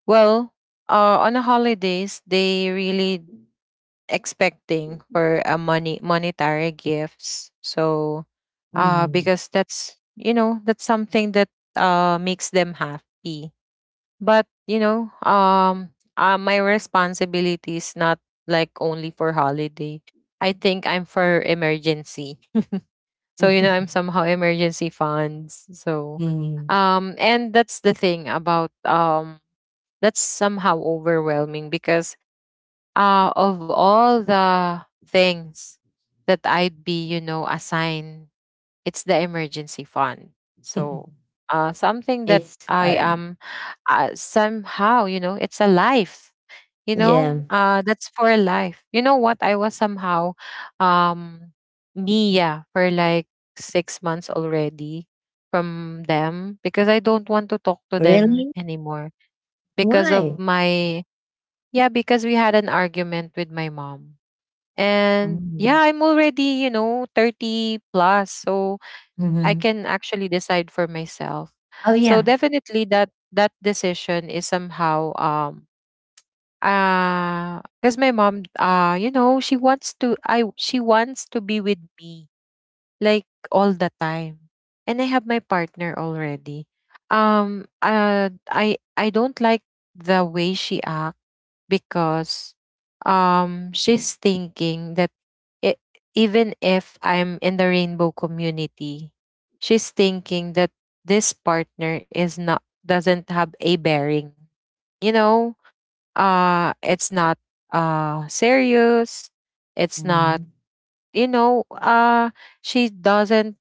Speaker 2: well on the holidays they really expecting for a money, monetary gifts. So
Speaker 1: Mhm.
Speaker 2: because that's, you know, that's something that makes them happy. But you know, my responsibility is not like only for holiday. I think I'm for emergency. So you know, I'm
Speaker 1: [laughs]
Speaker 2: somehow emergency funds. So,
Speaker 1: Mhm.
Speaker 2: and that's the thing about that's somehow overwhelming because of all the things that I'd be, you know, assigned, it's the emergency fund. So
Speaker 1: [laughs]
Speaker 2: something that
Speaker 1: It's
Speaker 2: I
Speaker 1: hard.
Speaker 2: am somehow, you know, it's a life. You know,
Speaker 1: Yeah.
Speaker 2: that's for life. You know what? I was somehow um, Mia for like 6 months already from them because I don't want to talk to them
Speaker 1: Really?
Speaker 2: anymore because of
Speaker 1: Why?
Speaker 2: my yeah, because we had an argument with my mom. And yeah,
Speaker 1: Mhm.
Speaker 2: I'm already, you know, 30 plus, so I
Speaker 1: Mhm.
Speaker 2: can actually decide for myself.
Speaker 1: Oh
Speaker 2: So
Speaker 1: yeah.
Speaker 2: definitely that that decision is somehow because my mom, you know, she wants to be with me like all the time. And I have my partner already. I don't like the way she acts because she's thinking that I even if I'm in the rainbow community, she's thinking that this partner is not doesn't have a bearing. You know, it's not serious. It's not,
Speaker 1: Mhm.
Speaker 2: you know, she doesn't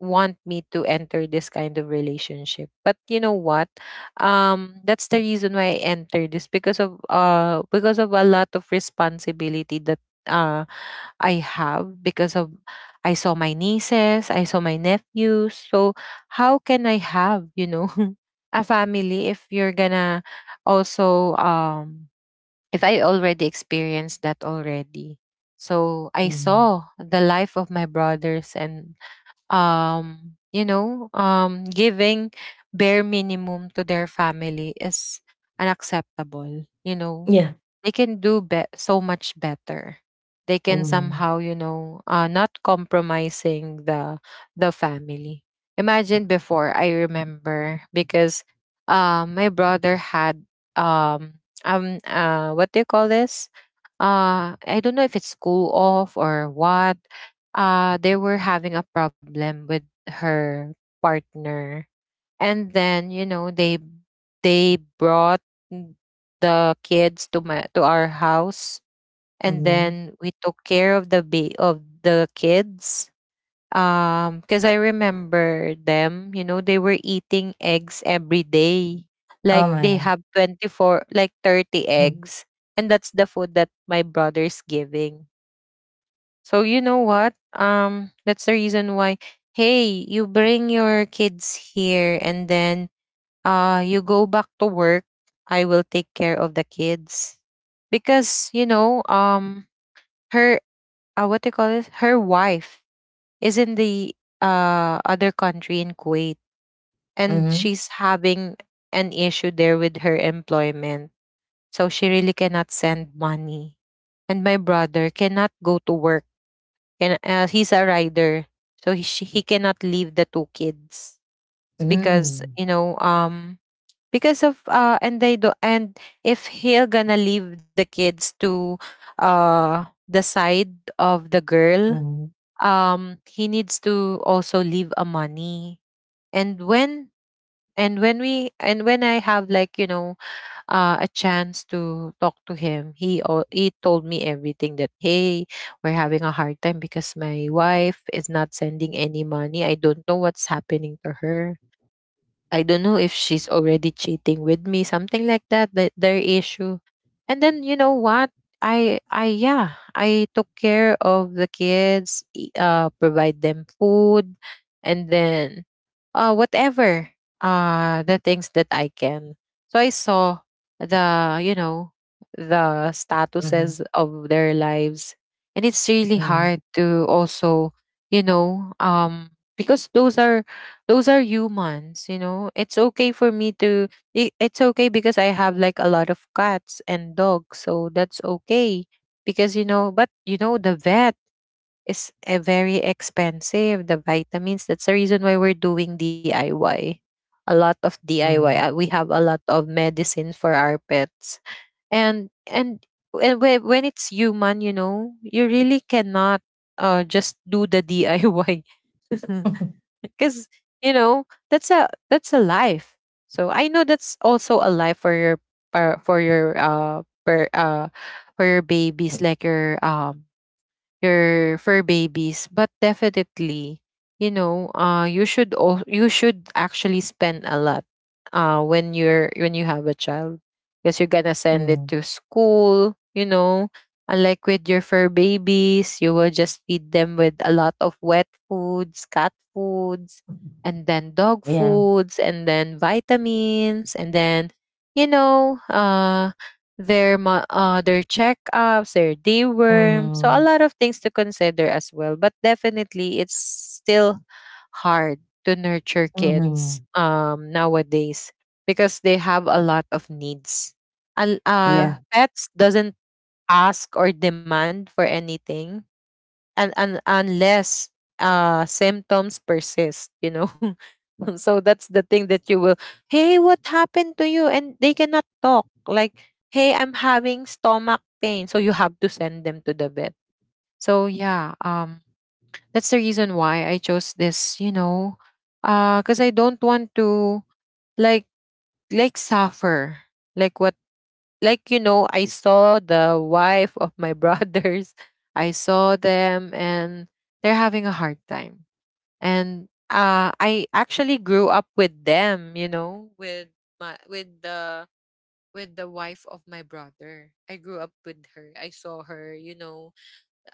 Speaker 2: want me to enter this kind of relationship. But you know what? That's the reason why I entered this because of a lot of responsibility that uh I have because of, I saw my nieces, I saw my nephews. So how can I have, you know, [laughs] a family if you're gonna also if I already experienced that already. So I
Speaker 1: Mhm.
Speaker 2: saw the life of my brothers and you know, giving bare minimum to their family is unacceptable, you know.
Speaker 1: Yeah.
Speaker 2: They can do so much better. They can
Speaker 1: Mhm.
Speaker 2: somehow, you know, not compromising the family. Imagine before, I remember because my brother had um what do you call this, I don't know if it's school off or what. They were having a problem with her partner, and then you know they they brought n- the kids to my to our house, and
Speaker 1: Mhm.
Speaker 2: then we took care of the of the kids. Because I remember them, you know, they were eating eggs every day,
Speaker 1: Oh
Speaker 2: like
Speaker 1: my
Speaker 2: they
Speaker 1: God.
Speaker 2: have 24, like 30
Speaker 1: Mhm.
Speaker 2: eggs, and that's the food that my brother's giving. So you know what, that's the reason why, hey, you bring your kids here, and then you go back to work. I will take care of the kids. Because, you know, her, what do you call it, her wife is in the other country, in Kuwait, and
Speaker 1: Mhm.
Speaker 2: she's having an issue there with her employment. So she really cannot send money. And my brother cannot go to work. He's a rider. So he cannot leave the two kids because,
Speaker 1: Mhm.
Speaker 2: you know, because of and they do and if he'll gonna leave the kids to the side of the girl,
Speaker 1: Mhm.
Speaker 2: he needs to also leave a money. And when and when we and when I have, like, you know, a chance to talk to him, he told me everything that, hey, we're having a hard time because my wife is not sending any money, I don't know what's happening to her, I don't know if she's already cheating with me, something like that, that their issue. And then you know what? I yeah, I took care of the kids, provide them food and then whatever the things that I can. So I saw, the you know, the
Speaker 1: Mhm.
Speaker 2: statuses of their lives, and it's really
Speaker 1: Mhm.
Speaker 2: hard to also, you know, because those are humans, you know. It's okay for me to, it's okay because I have like a lot of cats and dogs, so that's okay because, you know. But you know, the vet is, very expensive, the vitamins, that's the reason why we're doing DIY, a lot of DIY.
Speaker 1: Mhm.
Speaker 2: We have a lot of medicine for our pets. And and and whe- when it's human, you know, you really cannot just do the DIY [laughs] because, you know, that's a, that's a life. So I know that's also a life for your, for, for your uh for uh for your babies, like your fur babies. But definitely, you know, you should actually spend a lot when you have a child because you're gonna send it
Speaker 1: Mm,
Speaker 2: to school, you know. Unlike with your fur babies, you will just feed them with a lot of wet foods, cat foods, and then dog
Speaker 1: yeah,
Speaker 2: foods, and then vitamins, and then, you know, their checkups, their deworm. So a
Speaker 1: mhm,
Speaker 2: lot of things to consider as well. But definitely, it's still hard to nurture kids
Speaker 1: mhm,
Speaker 2: nowadays because they have a lot of needs. And
Speaker 1: yeah.
Speaker 2: pets doesn't ask or demand for anything. And unless symptoms persist, you know. [laughs] So that's the thing that you will, hey, what happened to you, and they cannot talk like, hey, I'm having stomach pain, so you have to send them to the vet. So yeah, that's the reason why I chose this, you know, cuz I don't want to like like suffer like what like you know, I saw the wife of my brothers, [laughs] I saw them and they're having a hard time. And I actually grew up with them, you know, with my with the wife of my brother, I grew up with her, I saw her, you know,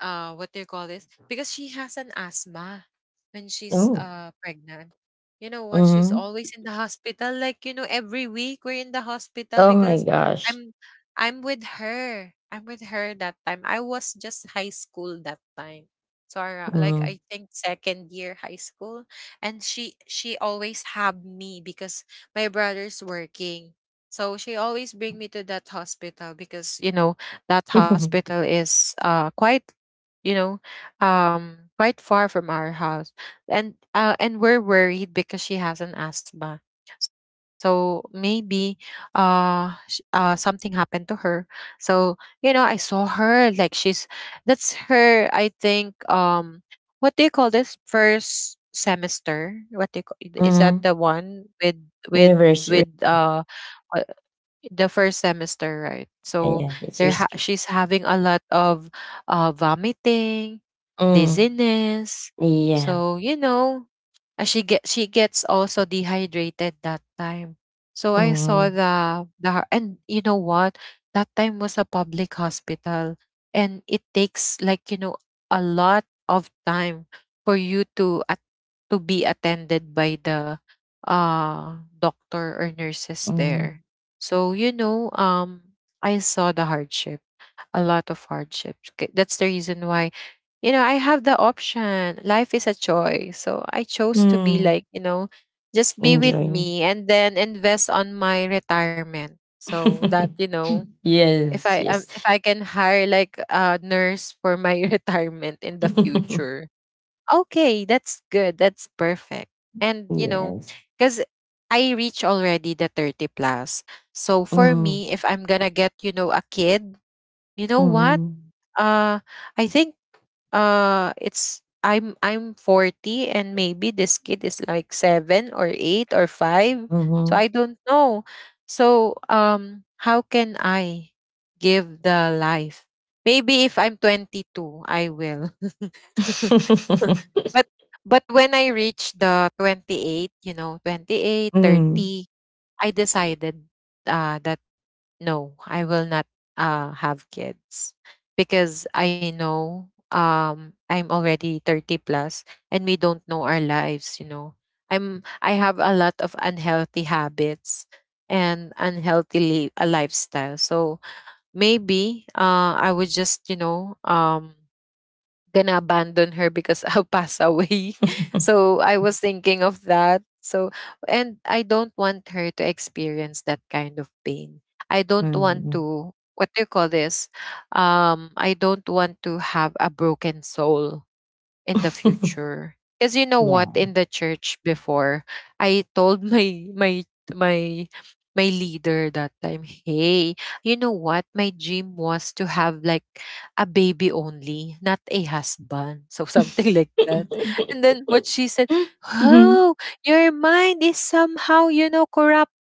Speaker 2: what do you call this? Because she has an asthma when she's
Speaker 1: Oh.
Speaker 2: pregnant. You know
Speaker 1: Ooh,
Speaker 2: what? She's
Speaker 1: mhm,
Speaker 2: always in the hospital, like, you know, every week we're in the hospital
Speaker 1: oh my
Speaker 2: because
Speaker 1: gosh,
Speaker 2: I'm I'm with her. I'm with her that time. I was just high school that time. So I, like
Speaker 1: mhm,
Speaker 2: I think second year high school, and she always have me because my brother's working. So she always bring me to that hospital because you know that
Speaker 1: mhm,
Speaker 2: hospital is quite, you know, quite far from our house, and we're worried because she has an asthma. So maybe something happened to her. So you know, I saw her like she's, that's her. I think what do you call this, first semester? What do you call, is that the
Speaker 1: [laughs]
Speaker 2: one with
Speaker 1: yeah,
Speaker 2: with
Speaker 1: very serious,
Speaker 2: with uh the first semester, right?
Speaker 1: [laughs]
Speaker 2: So
Speaker 1: yeah, it's risky,
Speaker 2: she's having a lot of vomiting,
Speaker 1: mm,
Speaker 2: dizziness.
Speaker 1: yeah,
Speaker 2: So, she gets also dehydrated that time. So I saw
Speaker 1: mhm,
Speaker 2: and you know what? That time was a public hospital, and it takes, like, a lot of time for you to be attended by the doctor or nurses there.
Speaker 1: mhm,
Speaker 2: So, I saw the hardship, a lot of hardships. That's the reason why, I have the option. Life is a choice. So I chose to be,
Speaker 1: mm,
Speaker 2: like, just be with
Speaker 1: enjoy,
Speaker 2: me and then invest on my retirement. So that,
Speaker 1: [laughs]
Speaker 2: if
Speaker 1: yes,
Speaker 2: I um,
Speaker 1: yes,
Speaker 2: if I can hire like a nurse for my [laughs] retirement in the
Speaker 1: [laughs]
Speaker 2: future. Okay, that's good. That's perfect. And,
Speaker 1: yes,
Speaker 2: because I reach already the 30 plus. So for
Speaker 1: mhm,
Speaker 2: me, if I'm gonna get, a kid, you know what?
Speaker 1: mhm,
Speaker 2: Uh I think it's I'm 40 and maybe this kid is like 7 or 8 or 5, so
Speaker 1: mhm,
Speaker 2: I don't know, so how can I give the life? Maybe if I'm 22 I will. [laughs] [laughs] But when I reach the 28, 28,
Speaker 1: mhm,
Speaker 2: 30. I decided that no, I will not have kids, because I know, I'm already 30 plus, and we don't know our lives. I have a lot of unhealthy habits and unhealthy a lifestyle. So maybe I would just, gonna abandon her, because [laughs] I'll pass away. [laughs] So I was thinking of that. So and I don't want her to experience that kind of pain. I don't want
Speaker 1: mhm, [laughs]
Speaker 2: to, what do you call this? I don't want to have a broken soul in the
Speaker 1: [laughs]
Speaker 2: future. Because you
Speaker 1: [laughs]
Speaker 2: know
Speaker 1: yeah.
Speaker 2: what, in the church before, I told [laughs] my my leader that time, hey, you know what? My dream was to have, like, a baby only, not a husband. [laughs] So something like
Speaker 1: Mhm.
Speaker 2: that. And then what she said, oh, your mind is somehow, corrupted.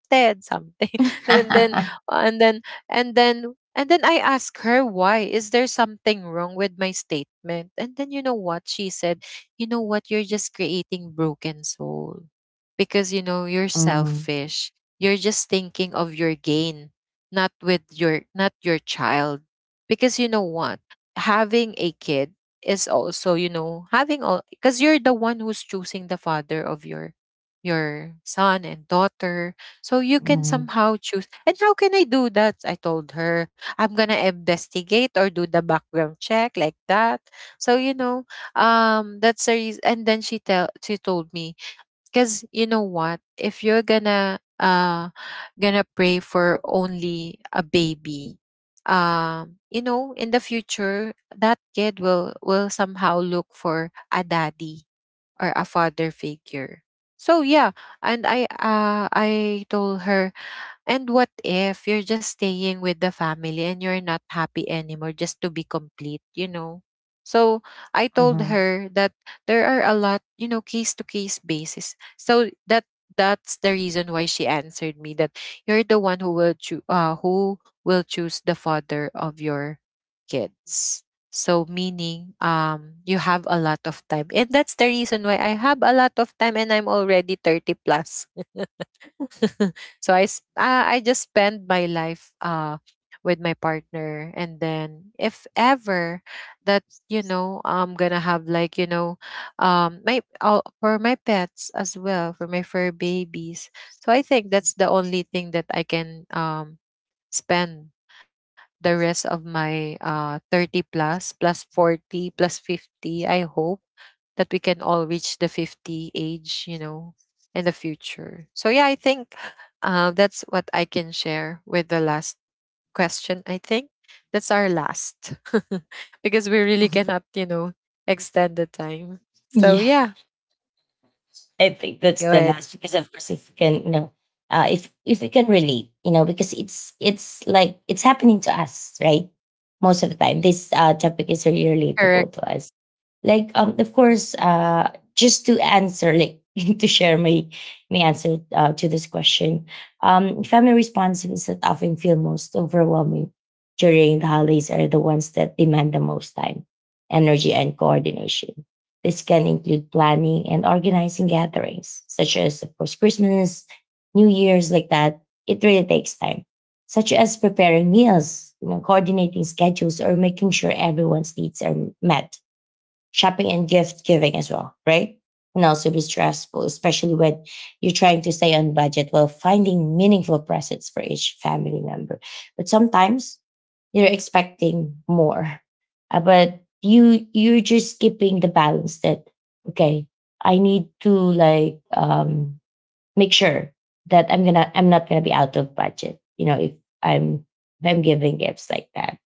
Speaker 2: Something. [laughs] And then
Speaker 1: [laughs]
Speaker 2: and then and then I asked her, why is there something wrong with my statement? And then you know what she said. You know what, you're just creating broken soul, because, you're
Speaker 1: Mhm,
Speaker 2: selfish, you're just thinking of your gain, not with your, not your child, because you know what, having a kid is also, having all, because you're the one who's choosing the father of your son and daughter, so you can
Speaker 1: mhm,
Speaker 2: somehow choose. And how can I do that? I told her, I'm going to investigate or do the background check, like that. So, that's the reason. And then she told me, because you know what, if you're gonna pray for only a baby, in the future, that kid will, somehow look for a daddy or a father figure. So yeah, and I told her, and what if you're just staying with the family and you're not happy anymore, just to be complete, you know? So I told
Speaker 1: mhm.
Speaker 2: her that there are a lot, case to case basis. So that's the reason why she answered me that you're the one who will choose the father of your kids. So meaning you have a lot of time. And that's the reason why I have a lot of time and I'm already 30 plus. [laughs] [laughs] So I just spend my life with my partner, and then if ever, that, I'm gonna have, like, you know my oh, for my pets as well, for my fur babies. So I think that's the only thing that I can, spend the rest of my 30 plus plus 40 plus 50. I hope that we can all reach the 50 age, in the future. So, yeah, I think that's what I can share with the last question. I think that's our last, [laughs] because we really cannot, extend the time. So,
Speaker 1: Yes,
Speaker 2: yeah.
Speaker 1: I think that's
Speaker 2: Go
Speaker 1: the
Speaker 2: ahead.
Speaker 1: last because of course if you can, you know, if you can relate, you know, because it's like it's happening to us, right? Most of the time, this topic is really
Speaker 2: Correct.
Speaker 1: relatable to us. Like of course just to answer, like, [laughs] to share my answer to this question. Family responsibilities that often feel most overwhelming during the holidays are the ones that demand the most time, energy, and coordination. This can include planning and organizing gatherings, such as of course Christmas, New Year's, like that. It really takes time, such as preparing meals, you know, coordinating schedules, or making sure everyone's needs are met. Shopping and gift giving as well, right? Can also be stressful, especially when you're trying to stay on budget while finding meaningful presents for each family member. But sometimes you're expecting more, but you're just keeping the balance that okay, I need to make sure that I'm not gonna be out of budget. You know, if I'm I'm giving gifts like that,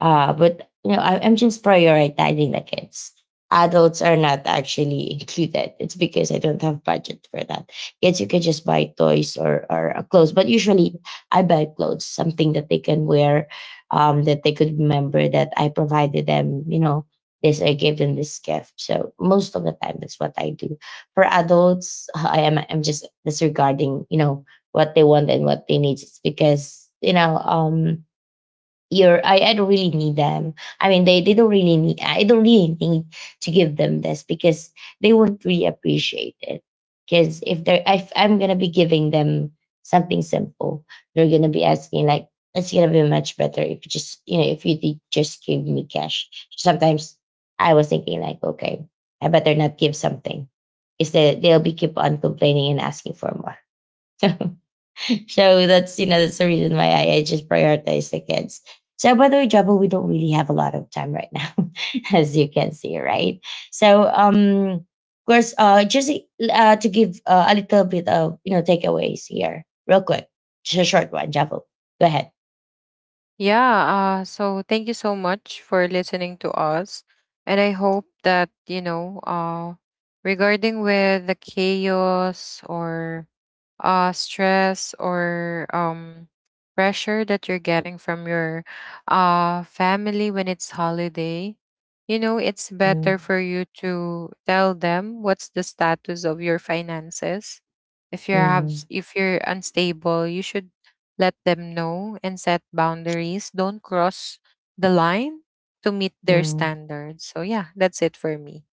Speaker 1: but you know, I'm just prioritizing the kids. Adults are not actually [laughs] included. It's because I don't have budget for that. Kids, you can just buy toys or clothes, but usually I buy clothes, something that they can wear, that they could remember that I provided them. You know, this I gave them this gift. So most of the time, that's what I do. For adults, [laughs] I'm just disregarding. You know what they want and what they need. It's because, you know, I don't really need them. I mean, they don't really need, I don't really need to give them this because they won't really appreciate it. Because if I'm gonna be giving them something simple, they're gonna be asking like it's gonna be much better if you just, you know, if you did just give me cash. Sometimes I was thinking like okay, I better not give something. Is that they'll be keep on complaining and asking for more. [laughs] So that's you know that's the reason why I just prioritize the kids. So by the way, Jabba, we don't really have a lot of time right now, [laughs] as you can see, right? So of course, just to give a little bit of you know takeaways here, real quick, just a short one, Jabba. Go ahead.
Speaker 2: Yeah, so thank you so much for listening to us. And I hope that, regarding with the chaos or stress or pressure that you're getting from your family when it's holiday, it's
Speaker 1: Mm,
Speaker 2: better for you to tell them what's the status of your finances. If you have,
Speaker 1: mm,
Speaker 2: s- if you're unstable, you should let them know, and set boundaries. Don't cross the line to meet their
Speaker 1: mm.
Speaker 2: standards. So, yeah, that's it for me.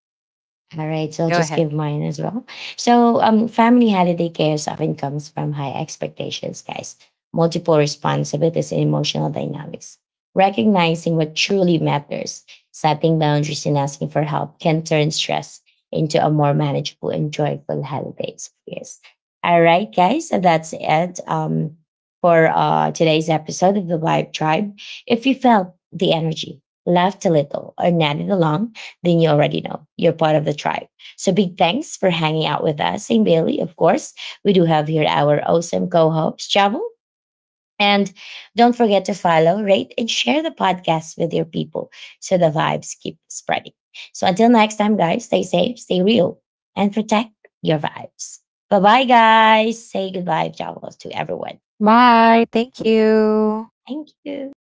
Speaker 1: All right, so I'll
Speaker 2: Go
Speaker 1: just
Speaker 2: ahead.
Speaker 1: give mine as well. So, family holiday chaos often comes from high expectations, guys, multiple responsibilities, and emotional dynamics. Recognizing what truly matters, setting boundaries, and asking for help can turn stress into a more manageable and joyful holiday experience. All right, guys, so that's it for today's episode of the Vibe Tribe. If you felt the energy, laughed a little, or nodded along, then you already know you're part of the tribe. So big thanks for hanging out with us and Bailey. Of course, we do have here our awesome co-host Javel. And don't forget to follow, rate, and share the podcast with your people so the vibes keep spreading. So until next time, guys, stay safe, stay real, and protect your vibes. Bye bye, guys. Say goodbye, Javel, to everyone.
Speaker 2: Bye. Thank you.
Speaker 1: Thank you.